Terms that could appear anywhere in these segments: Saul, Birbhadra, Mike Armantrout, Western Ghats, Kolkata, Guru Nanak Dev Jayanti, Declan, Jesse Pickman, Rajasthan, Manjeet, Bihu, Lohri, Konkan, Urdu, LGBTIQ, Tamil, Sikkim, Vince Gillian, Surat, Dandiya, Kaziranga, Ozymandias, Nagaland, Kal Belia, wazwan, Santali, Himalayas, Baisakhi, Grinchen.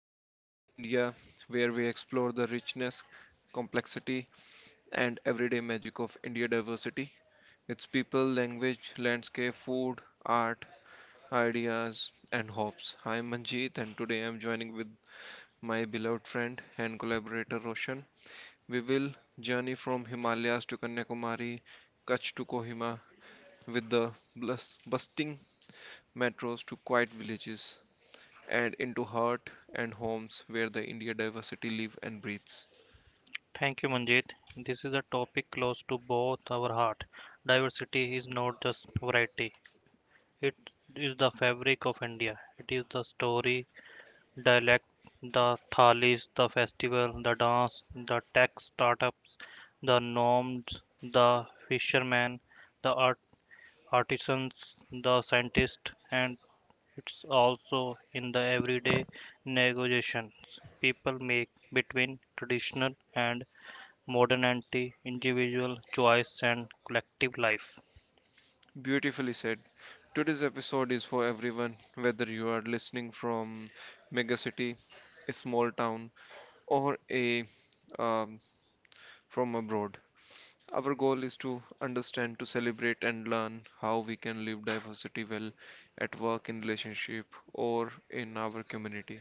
to the many India where we explore the richness, complexity and everyday magic of India diversity. Its people, language, landscape, food, art, ideas and hopes. I am Manjeet and today I am joining with my beloved friend and collaborator Roshan. We will journey from Himalayas to Kanyakumari, Kutch to Kohima with the bustling metros to quiet villages and into heart and homes where the India diversity live and breathes. Thank you, Manjeet. This is a topic close to both our heart. Diversity is not just variety. It is the fabric of India. It is the story, dialect, the thalis, the festival, the dance, the tech startups, the nomads, the fishermen, the artisans, the scientists, and it's also in the everyday negotiations people make between traditional and modernity, individual choice, and collective life. Beautifully said. Today's episode is for everyone, whether you are listening from megacity, a small town, or a um, from abroad. Our goal is to understand, to celebrate, and learn how we can live diversity well at work, in relationship, or in our community.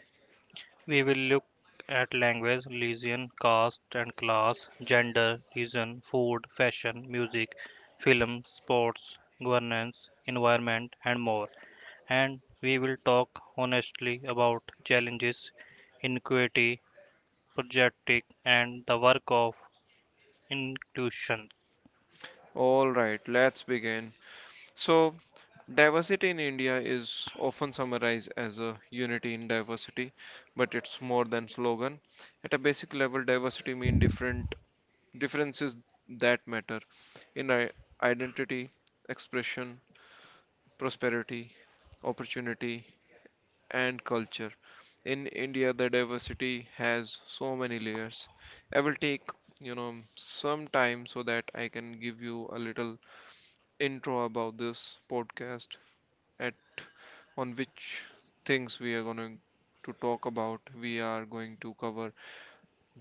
We will look at language, religion, caste and class, gender, region, food, fashion, music, film, sports, governance, environment, and more. And we will talk honestly about challenges, inequity, projecting, and the work of inclusion. All right, let's begin. So, diversity in India is often summarized as a unity in diversity, but it's more than slogan. At a basic level, diversity means different differences that matter in identity, expression, prosperity, opportunity, and culture. In India, the diversity has so many layers. I will take, some time so that I can give you a little intro about this podcast at on which things we are going to talk about. We are going to cover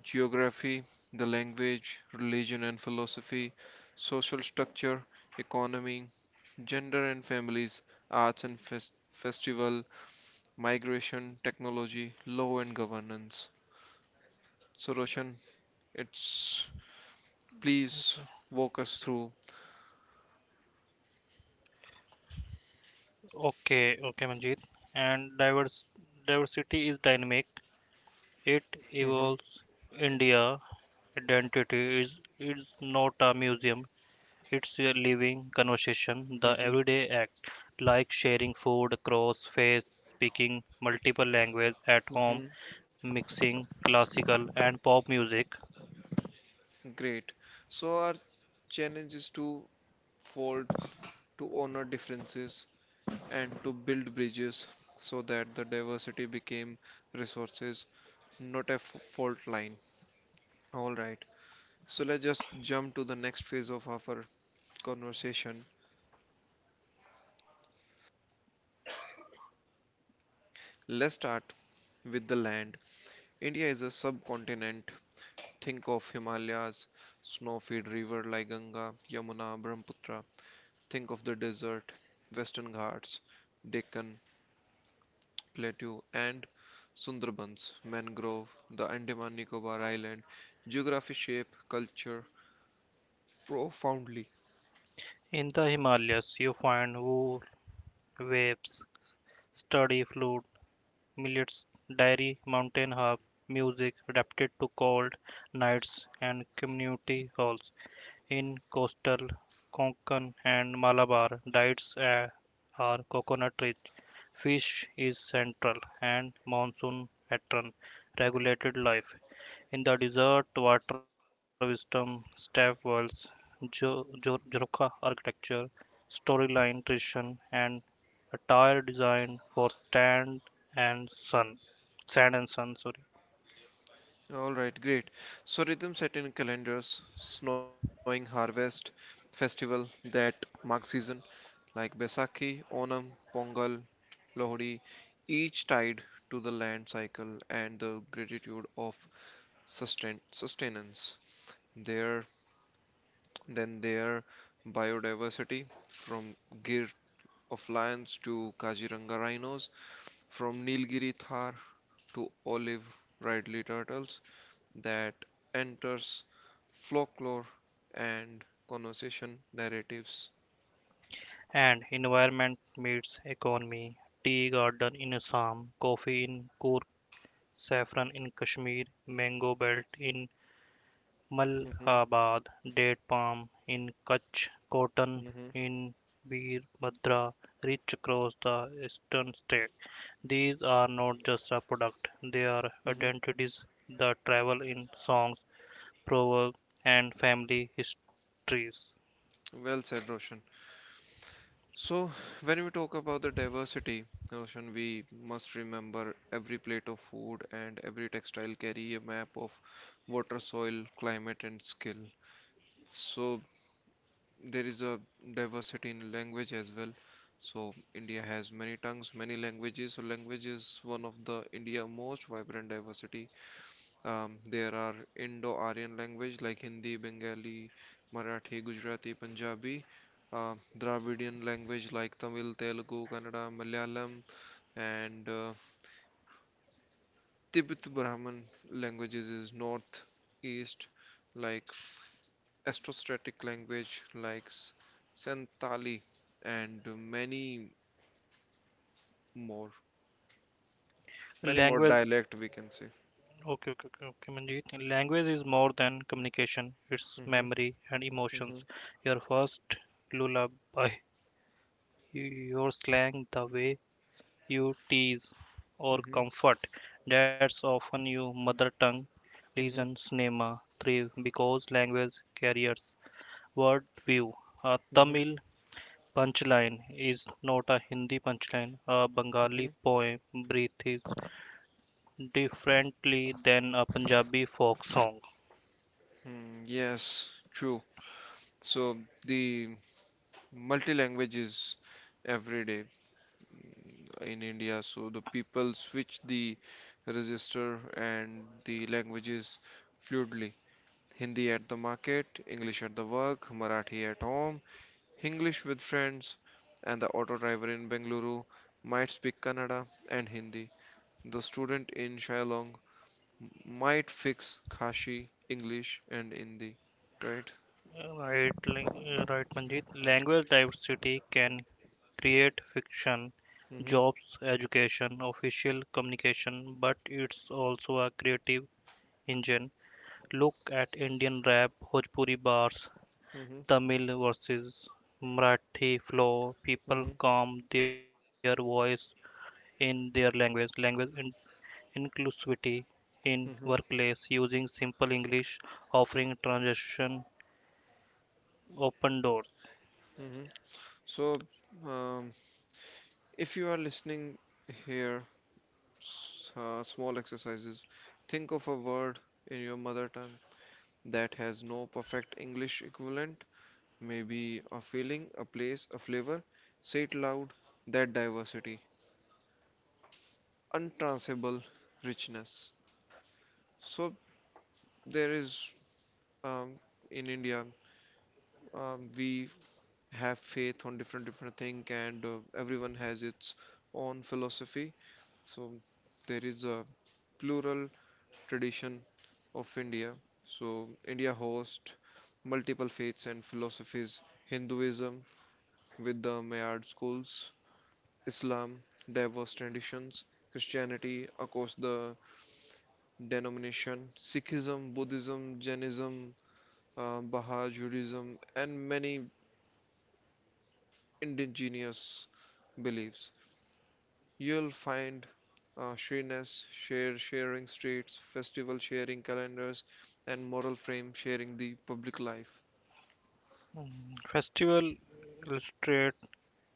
geography, the language, religion and philosophy, social structure, economy, gender and families, arts and festival, migration, technology, law and governance. So Roshan, it's please walk us through. Okay, Manjeet. And divers Diversity is dynamic. It Hmm. evolves. India identity is it's not a museum, it's a living conversation, the Hmm. everyday act, like sharing food across faith, speaking multiple languages at home, Hmm. mixing classical and pop music. Great. So our challenge is to fold to honor differences and to build bridges so that the diversity became resources, not a fault line. All right, so let's just jump to the next phase of our conversation. Let's start with the land. India is a subcontinent. Think of Himalayas, snow-fed river like Ganga, Yamuna, Brahmaputra. Think of the desert, Western Ghats, Deccan, plateau and Sundarbans, mangrove, the Andaman Nicobar Island, geography shape culture profoundly. In the Himalayas you find wool, waves, study flute, millets, dairy, mountain harp, music adapted to cold nights and community halls. In coastal Konkan and Malabar diets are coconut-rich. Fish is central and monsoon pattern regulated life. In the desert, water wisdom, staff wells, Jorokha architecture, storyline tradition, and attire design for stand and sun. Sand and sun, sorry. All right, great. So rhythm set in calendars, snowing harvest, festival that mark season like Baisakhi, Onam, Pongal, Lohri, each tied to the land cycle and the gratitude of sustain sustenance. There, then there, biodiversity from Gir of lions to Kaziranga rhinos, from Nilgiri Thar to olive ridley turtles, that enters folklore and conversation narratives. And environment meets economy. Tea garden in Assam, coffee in Kurk, saffron in Kashmir, mango belt in Hmm. Malhabad, date palm in Kutch, cotton Hmm. in Birbhadra, reach across the eastern state. These are not just a product, they are Hmm. identities that travel in songs, proverbs, and family histories. Well said, Roshan. So, when we talk about the diversity, Roshan, we must remember every plate of food and every textile carry a map of water, soil, climate, and skill. So, there is a diversity in language as well. So India has many tongues, many languages. So language is one of the India most vibrant diversity. There are Indo-Aryan language like Hindi, Bengali, Marathi, Gujarati, Punjabi. Dravidian language like Tamil, Telugu, Kannada, Malayalam, and Tibeto-Brahman languages is north, east, like Austrostatic language like Santali and more, many more Language dialect we can say. Okay, Manjeet. Language is more than communication. It's Hmm. memory and Hmm. emotions. Your first lullaby, your slang, the way you tease or Hmm. comfort. That's often your mother tongue. Reason Hmm. cinema thrive because language carriers word view. A Hmm. Tamil punchline is not a Hindi punchline. A Hmm. Bengali poem breathes differently than a Punjabi folk song. Mm, yes, true. So the multi-language is every day in India. So the people switch the register and the languages fluidly. Hindi at the market, English at the work, Marathi at home, English with friends, and the auto driver in Bengaluru might speak Kannada and Hindi. The student in Shillong might fix Khashi, English, and Hindi. Right? Right, Manjeet. Language diversity can create fiction, Hmm. jobs, education, official communication, but it's also a creative engine. Look at Indian rap, Bhojpuri bars, Hmm. Tamil versus Marathi flow. People Hmm. calm their voice in their language. Inclusivity in Hmm. workplace using simple English, offering translation, open doors. Hmm. So, um, if you are listening here, small exercises. Think of a word in your mother tongue that has no perfect English equivalent. Maybe a feeling, a place, a flavor. Say it loud, that diversity, untransable richness. So there is um, in India, we have faith on different thing, and everyone has its own philosophy. So there is a plural tradition of India. So India hosts multiple faiths and philosophies: Hinduism with the Mayard schools, Islam, diverse traditions, Christianity across the denomination, Sikhism, Buddhism, Jainism, Baha'i Judaism, and many indigenous beliefs. You'll find Shrines, share sharing streets, festival sharing calendars, and moral frame sharing the public life. Mm, festival illustrate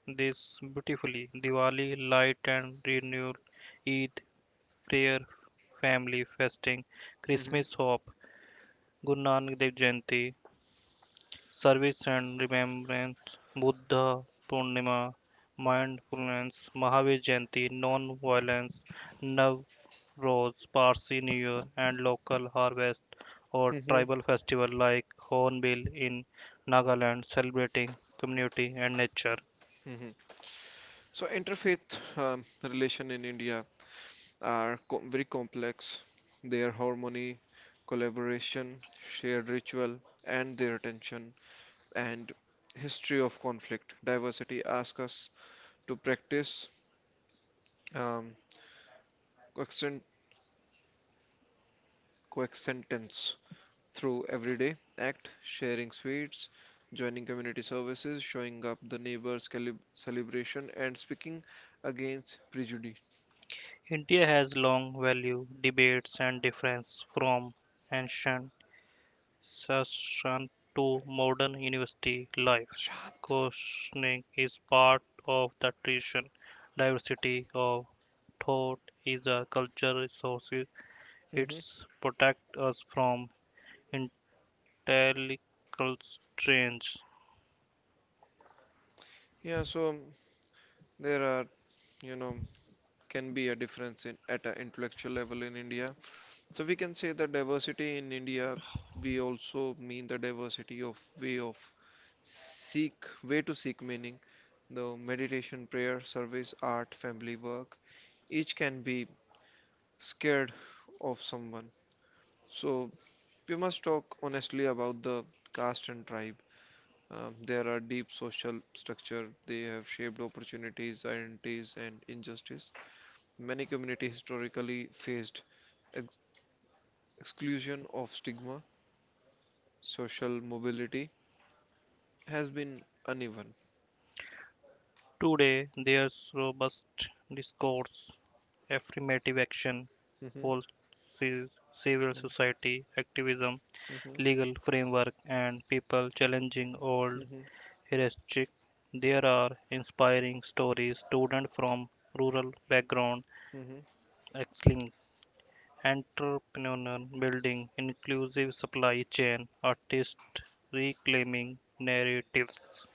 this beautifully. Diwali, light and renewal. Eid, prayer, family, fasting. Hmm. Christmas, hope. Guru Nanak Dev Jayanti, service and remembrance, Buddha Purnima, mindfulness, Mahavir Jayanti, non-violence, Navroz, Parsi New Year, and local harvest or Hmm. tribal festival like Hornbill in Nagaland, celebrating community and nature. Hmm. So interfaith relation in India are very complex. Their harmony, collaboration, shared ritual, and their tension and history of conflict, diversity ask us to practice um, coexisten- coexistence through everyday act, sharing sweets, joining community services, showing up the neighbors' celebration, and speaking against prejudice. India has long value debates and difference from ancient Shastran to modern university life. Shant. Questioning is part of the tradition. Diversity of thought is a cultural resource. It Hmm. protects us from intellectual strains. Yeah, so there are, you know, can be a difference in at an intellectual level in India. So we can say the diversity in India, we also mean the diversity of way to seek meaning. The meditation, prayer, service, art, family work, each can be scared of someone. So we must talk honestly about the caste and tribe. There are deep social structure. They have shaped opportunities, identities, and injustice. Many communities historically faced ex- exclusion of stigma. Social mobility has been uneven. Today, there's robust discourse, affirmative action, Mhm, policies, civil mhm, society, activism, legal framework, and people challenging old mhm, heuristic. There are inspiring stories, students from rural background mhm. excelling, entrepreneur building, inclusive supply chain, artists reclaiming narratives.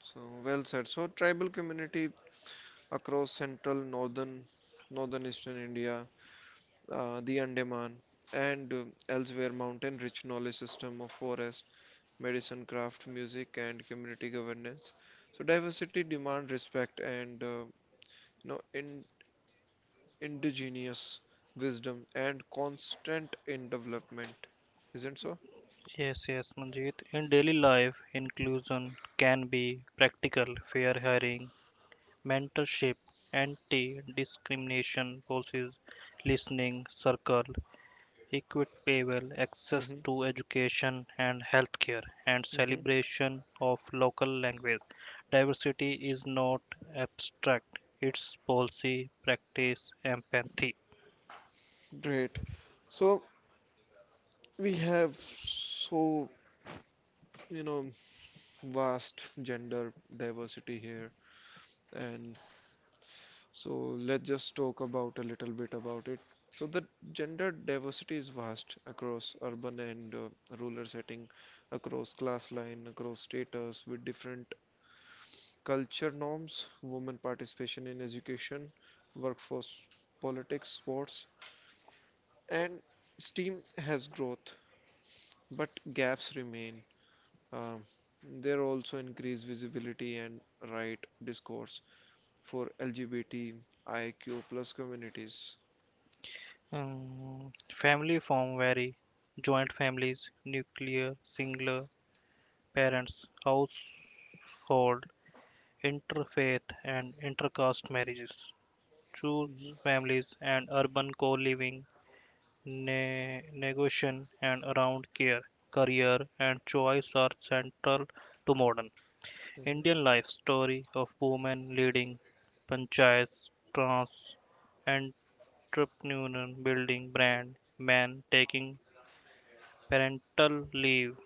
So well said. So tribal community across central, northern eastern India, the Andaman, and elsewhere mountain rich knowledge system of forest, medicine, craft, music, and community governance. So diversity demand respect and in indigenous wisdom and constant in development isn't so? Yes, Manjeet. In daily life, inclusion can be practical, fair hiring, mentorship, anti discrimination policies, listening circle, equitable access Hmm. to education and healthcare, and Hmm. celebration of local language. Diversity is not abstract, it's policy, practice, empathy. Great. So we have so you know vast gender diversity here, and so let's just talk about a little bit about it. So the gender diversity is vast across urban and rural setting across class line across status with different culture norms, women participation in education, workforce politics, sports, and STEAM has growth, but gaps remain. Um, there also increased visibility and right discourse for LGBTIQ+ communities. Mm, family form vary joint families, nuclear, singular, parents, household, interfaith, and intercaste marriages. Choose Mhm, families and urban co living. Negotiation and around care, career, and choice are central to modern mhm. Indian life story of women leading panchayats, trans entrepreneur building brand, men taking parental leave.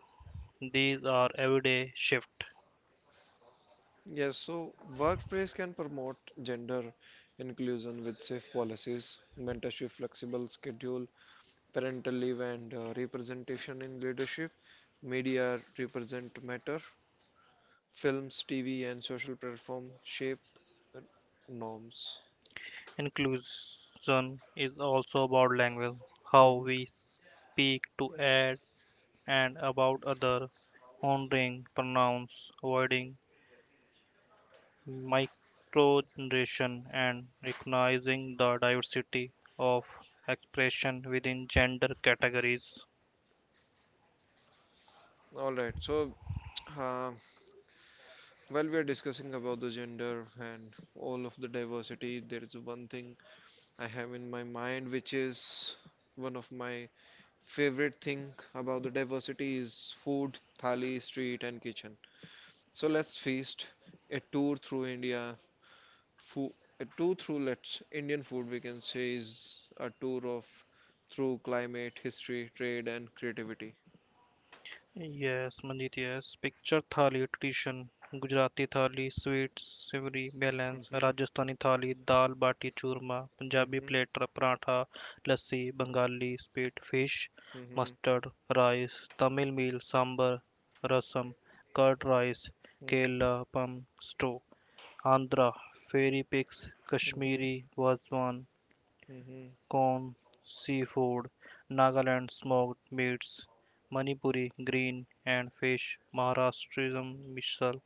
These are everyday shift. Yes, so workplace can promote gender inclusion with safe policies, mentorship, flexible schedule, parental leave and representation in leadership media represent matter films TV and social platform shape uh, norms. Inclusion is also about language, how Mhm. we speak to add and about other, honoring pronouns, avoiding Microgeneration and recognizing the diversity of expression within gender categories. All right, so uh, while we are discussing about the gender and all of the diversity, there is one thing I have in my mind which is one of my favorite thing about the diversity is food, thali, street and kitchen. So let's feast a tour through India food, two through-lets Indian food we can say is a tour of through climate, history, trade, and creativity. Yes, Manjit, yes. Picture thali tradition, Gujarati thali, sweet, savory, balance, Mm-hmm, Rajasthani thali, dal, bati, churma, Punjabi mm-hmm, platter, paratha, lassi, Bengali, sweet fish, mm-hmm, mustard, rice, Tamil meal, sambar, rasam, curd rice, mm-hmm, kela, pam, stew. Andhra fairy pigs, mm-hmm, Kashmiri wazwan, mm-hmm, corn, seafood, Nagaland smoked meats, Manipuri green and fish, Maharashtrian misal,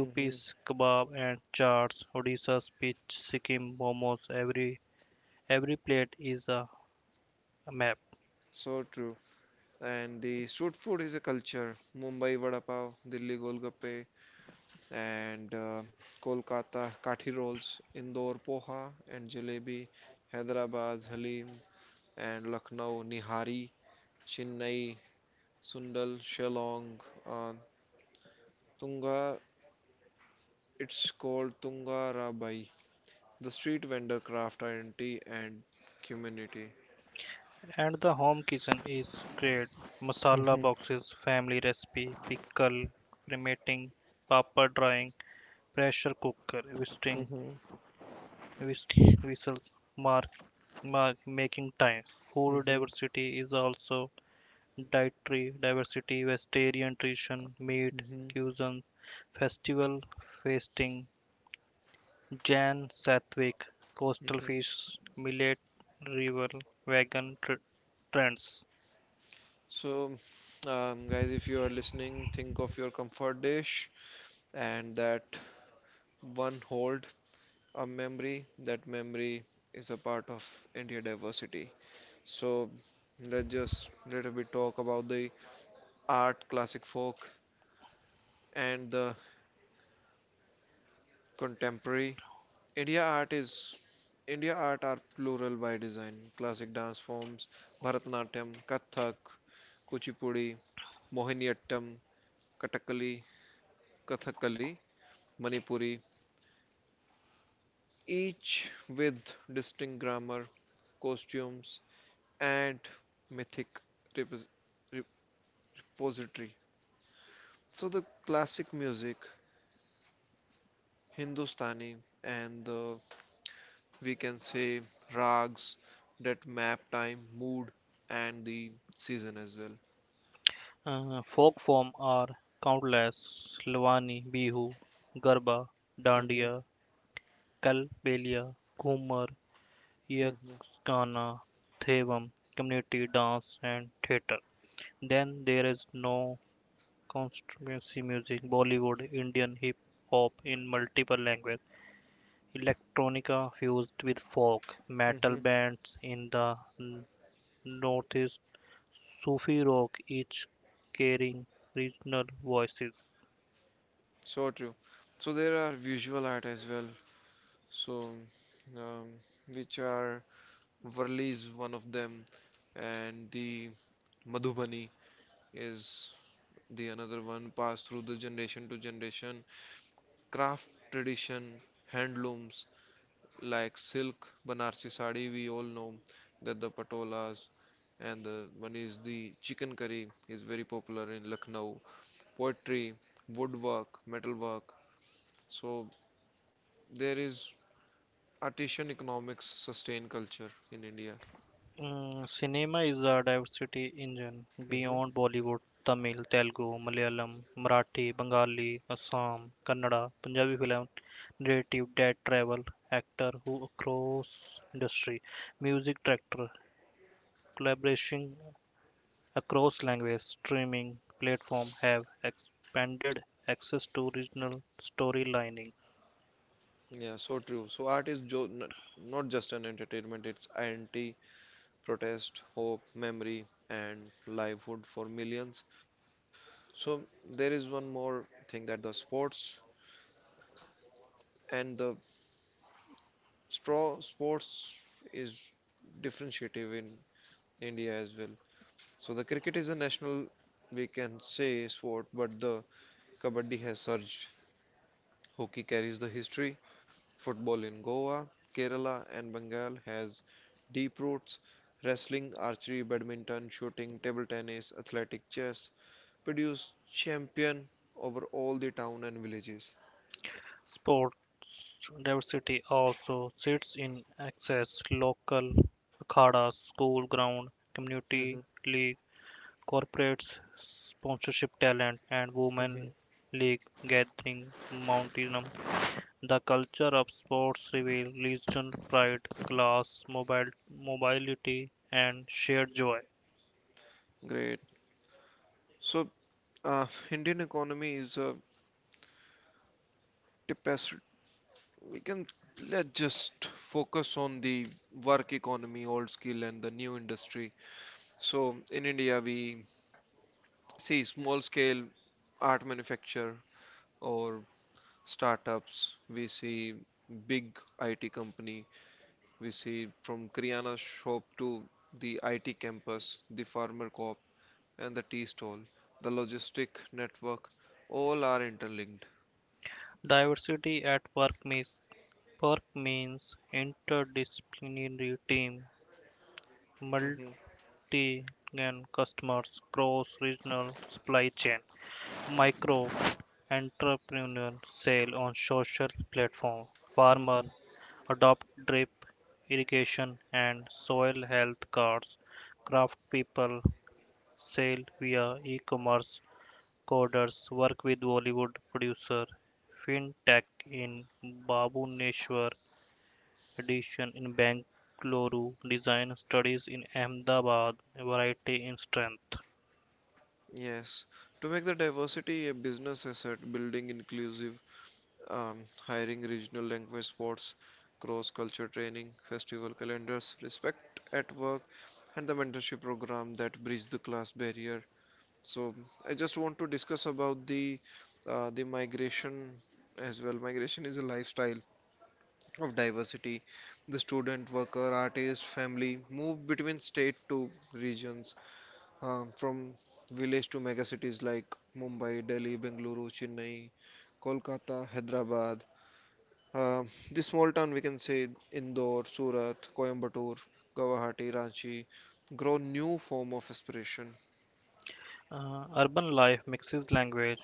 mm-hmm. kebab and chaats, Odisha's peach, Sikkim momos. Every plate is a map, So true. And the street food is a culture. Mumbai vada pav, Delhi golgappe, and Kolkata kathi rolls, Indore poha and jalebi, Hyderabad halim, and Lucknow nihari, Chennai Sundal, Shillong, uh, Tunga. It's called Tunga Rabai. The street vendor craft identity and community. and the home kitchen is great. Masala Mhm, boxes, family recipe, pickle, cremating, paper drying, pressure cooker, visiting mhm, whis- whistles mark, mark making time. Food mhm, diversity is also dietary diversity, vegetarian nutrition, meat, mhm, cuisine, festival feasting, Jan Satwick, coastal mhm. fish, millet, river, vegan tr- trends. So, guys, if you are listening, think of your comfort dish and that one hold a memory. That memory is a part of India diversity. So, let's just little bit talk about the art, classic folk, and the contemporary India art is India art are plural by design. Classic dance forms, Bharatanatyam, Kathak, Kuchipudi, Mohiniyattam, Kathakali, Kathakali, Manipuri, each with distinct grammar, costumes, and mythic repos- repository. So the classic music, Hindustani, and the we can say rags that map time, mood, and the season as well. Folk form are countless Lavani, Bihu, Garba, Mhm. Dandiya, Kal Belia, Ghumar, Mhm. Yakshana Thevam community dance and theater. Then there is no constituency music, Bollywood, Indian hip hop in multiple languages, electronica fused with folk, metal Mhm. bands in the northeast, Sufi rock, each carrying regional voices. So true. So there are visual art as well. So, um, which are Varli is one of them, and the Madhubani is the another one passed through the generation to generation. Craft tradition, handlooms like silk, Banarsi sari, we all know that the patolas, and the one is the chicken curry is very popular in Lucknow. Poetry, woodwork, metalwork. So there is artisan economics sustain culture in India. Mm, cinema is a diversity engine Hmm. beyond Bollywood, Tamil, Telugu, Malayalam, Marathi, Bengali, Assam, Kannada, Punjabi film, narrative that travel, actor who across industry, music director, collaboration across language, streaming platform have expanded access to regional storylining. Yeah, so true. So art is jo n not just an entertainment, it's anti protest, hope, memory, and livelihood for millions. So there is one more thing that the sports and the straw sports is differentiative in India as well. So the cricket is a national, we can say, sport, but the kabaddi has surged. Hockey carries the history, Football in Goa, Kerala, and Bengal has deep roots. Wrestling, archery, badminton, shooting, table tennis, athletic chess produce champion over all the town and villages. Sports diversity also sits in access, local akhada, school ground, community Mhm, league, corporates, sponsorship talent, and mhm. women league gathering mountain. The culture of sports reveals regional pride, class, mobility, and shared joy. Great. So, Indian economy is a tapestry. We can Let's just focus on the work economy, old skill, and the new industry. So, in India, we see small scale art manufacture or startups, we see big IT company, we see from Kriana shop to the IT campus, the farmer co-op and the tea stall, the logistic network, all are interlinked. Diversity at work means Work means interdisciplinary team, multi Mhm, multi-gen customers, cross-regional supply chain, micro entrepreneur sale on social platform, farmer mhm. adopt drip irrigation and soil health cards, craft people sale via e-commerce, coders work with Bollywood producer, fintech in Babuneshwar, edition in Bangalore, design studies in Ahmedabad, variety in strength. Yes, to make the diversity a business asset, building inclusive, um, hiring regional language sports, cross-culture training, festival calendars, respect at work, and the mentorship program that bridge the class barrier. So I just want to discuss about the migration as well. Migration is a lifestyle of diversity. The student, worker, artist, family move between state to regions, from village to mega cities like Mumbai, Delhi, Bengaluru, Chennai, Kolkata, Hyderabad. Uh, the small town we can say Indore, Surat, Coimbatore, Guwahati, Ranchi grow new form of aspiration. Urban life mixes language,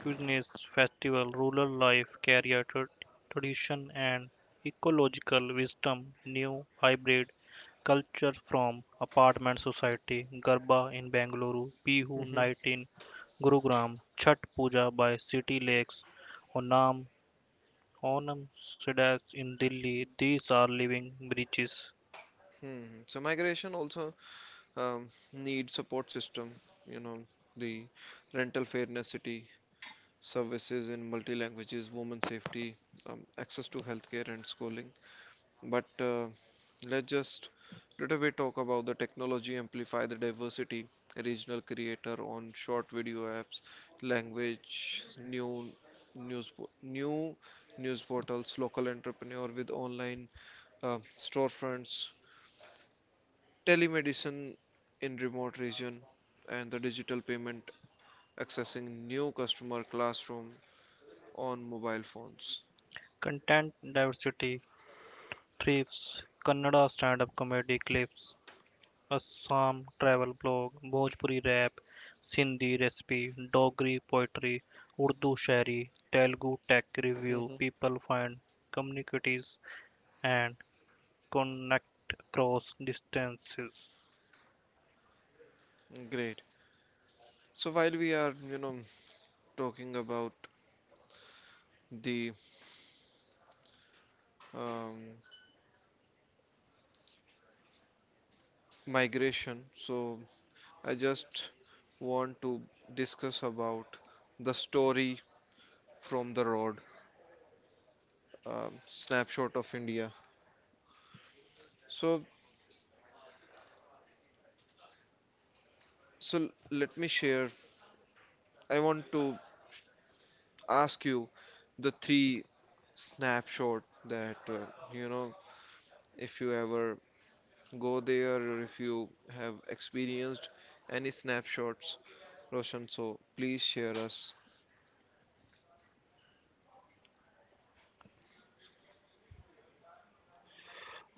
cuisines, festival, rural life, career, tradition, and ecological wisdom. New hybrid culture from apartment society, Garba in Bangalore, Bihu Hmm. night in Gurugram, Chhat Puja by city lakes, Onam, Onam Sidas in Delhi. These are living bridges. Hmm. So migration also need support system, you know, the rental fairness city, services in multi languages, women safety, access to healthcare and schooling. But let's just little bit talk about the technology amplify the diversity, regional creator on short video apps, language, new news portals, local entrepreneur with online storefronts, telemedicine in remote region and the digital payment accessing new customer classroom on mobile phones. Content diversity thrives. Kannada stand-up comedy clips, Assam travel blog, Bhojpuri rap, Sindhi recipe, Dogri poetry, Urdu shairi, Telugu tech review, Hmm. people find communities and connect across distances. Great. So while we are talking about the um, migration, so I just want to discuss about the story from the road snapshot of india so so let me share I want to ask you the three snapshot that you know if you ever go there or if you have experienced any snapshots Roshan, so please share us.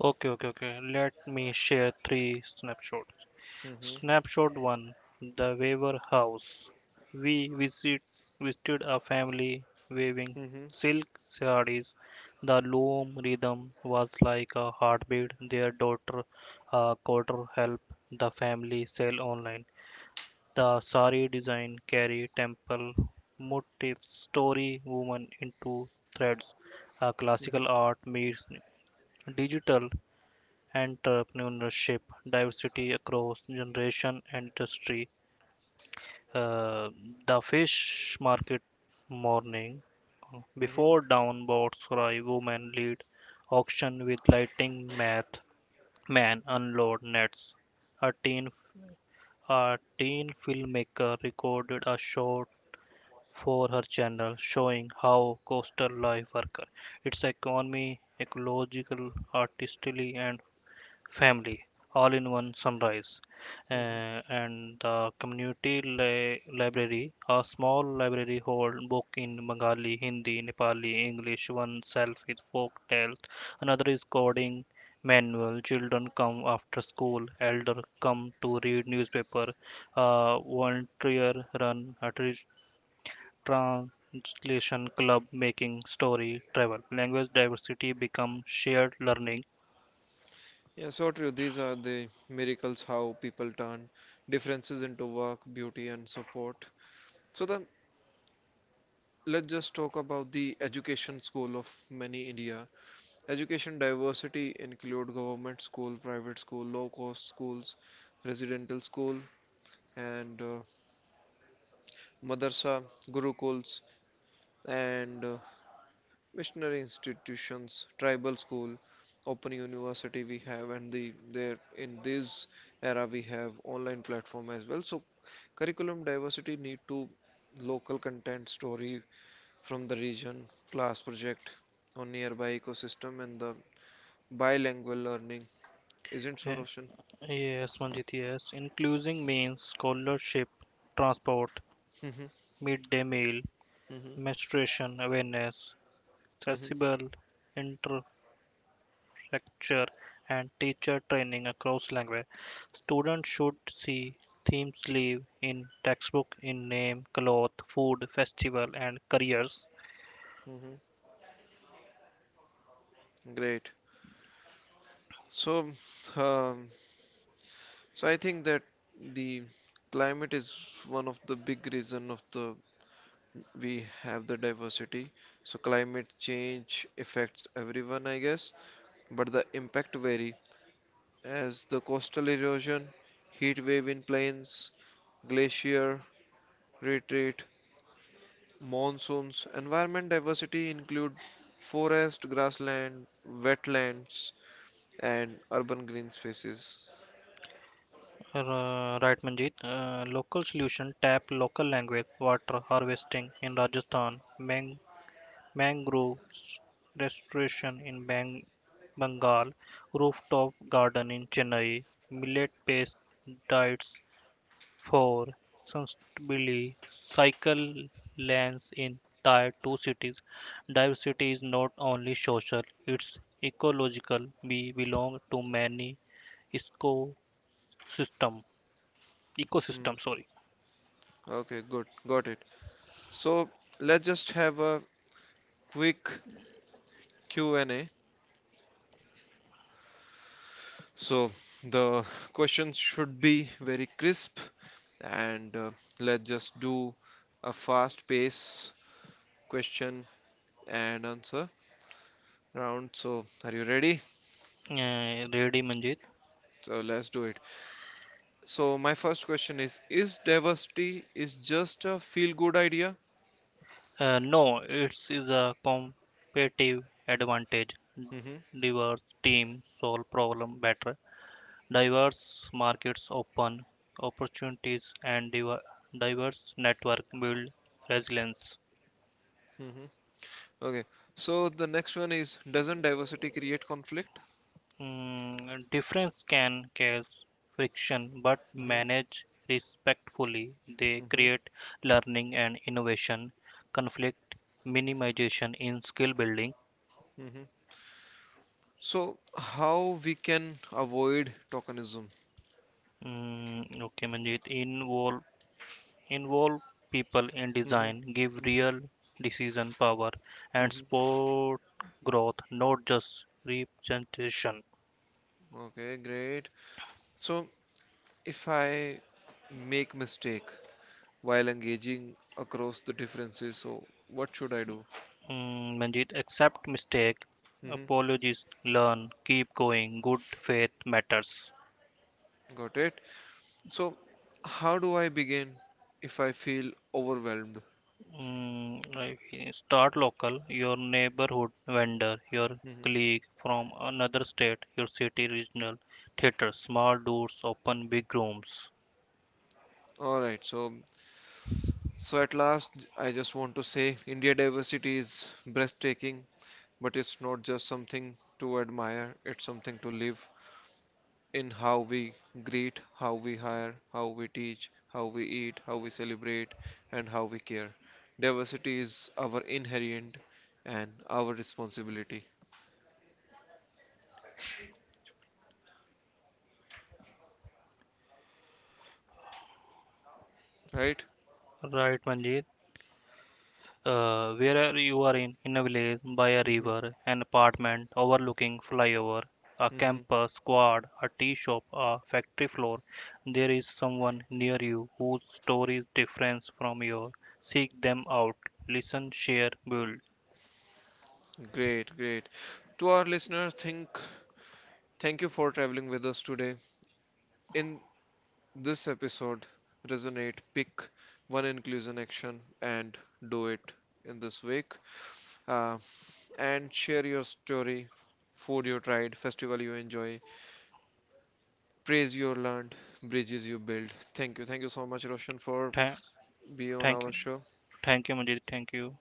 Okay Let me share three snapshots. Hmm. Snapshot 1, the Weaver House. We visit, visited a family weaving Hmm. silk sarees. The loom rhythm was like a heartbeat. Their daughter, a quarter, helped the family sell online. The saree design carry temple motifs, story woven into threads. A classical Hmm. art meets digital entrepreneurship, diversity across generation and industry. Uh, the fish market morning. Hmm. Before dawn, boats cry, women lead auction with lighting math, men unload nets. A teen, a teen filmmaker recorded a short for her channel showing how coastal life worker, its economy, ecological, artistry, and family all in one sunrise. Hmm. Uh, and the community library, a small library hold book in Bengali, Hindi, Nepali, English. One self is folk tales, another is coding manual. Children come after school, elder come to read newspaper. Volunteer run a translation club making story travel. Language diversity become shared learning. Yeah, so true, these are the miracles how people turn differences into work beauty and support. So then let's just talk about the education school of many India education diversity include government school private school low cost schools residential school and madarsa, gurukuls, and missionary institutions, tribal school, open university we have, and there in this era we have online platform as well. So curriculum diversity need to local content story from the region, class project on nearby ecosystem, and the bilingual learning. Isn't so, Uh, Roshan? Yes, Manjit, yes. Inclusion means scholarship, transport, Hmm. midday meal, Hmm. menstruation awareness, Hmm. accessible infrastructure, and teacher training across language. Students should see themes live in textbook in name, cloth, food, festival, and careers. Hmm. Great. So, um, So I think that the climate is one of the big reason of the we have the diversity. So climate change affects everyone, I guess, but the impact vary as the coastal erosion, heat wave in plains, glacier retreat, monsoons. Environment diversity include forest, grassland, wetlands, and urban green spaces. Right, Manjit. Local solution tap local language, water harvesting in Rajasthan, mangroves restoration in Bengal, rooftop garden in Chennai, millet based diets for sustainability, cycle lanes in tier 2 cities. Diversity is not only social, it's ecological. We belong to many ecosystem. Hmm. Ecosystem, sorry. Okay, good, got it. So let's just have a quick Q&A. So the questions should be very crisp and let's just do a fast pace question and answer round. So are you ready? Ready, Manjit? So let's do it. So my first question is diversity is just a feel good idea? No, it's is a competitive advantage. Hmm. Diverse teams solve problem better. Diverse markets open opportunities, and diverse network build resilience. Hmm. Okay. So the next one is doesn't diversity create conflict? Mm, difference can cause friction, but Hmm. managed respectfully, they Hmm. create learning and innovation. Conflict minimization in skill building. Hmm. So how we can avoid tokenism? Mm, okay, Manjit. Involve people in Hmm. design, give Hmm. real decision power, and Hmm. support growth, not just representation. Okay, great. So if I make mistake while engaging across the differences, so what should I do? Mm, Manjeet, accept mistake, Hmm. apologies, learn, keep going, good faith matters. Got it. So how do I begin if I feel overwhelmed? Mm, start local, your neighborhood vendor, your Mhm. colleague from another state, your city regional theater, small doors, open big rooms. All right. So at last, I just want to say India diversity is breathtaking, but it's not just something to admire, it's something to live in how we greet, how we hire, how we teach, how we eat, how we celebrate, and how we care. Diversity is our inherent and our responsibility, right? Right, Manjit. Wherever you are in a village, by a Mhm, river, an apartment overlooking flyover, a mhm. campus, squad, a tea shop, a factory floor, there is someone near you whose story is different from yours. Seek them out, listen, share, build. Great, great. To our listener, think thank you for traveling with us today. In this episode, resonate, pick one inclusion action and do it in this week. Uh, and share your story, food you tried, festival you enjoy, praise you learned, bridges you build. Thank you. Thank you so much, Roshan, for Tha- being on Thank our you, show. thank you, Majid. Thank you.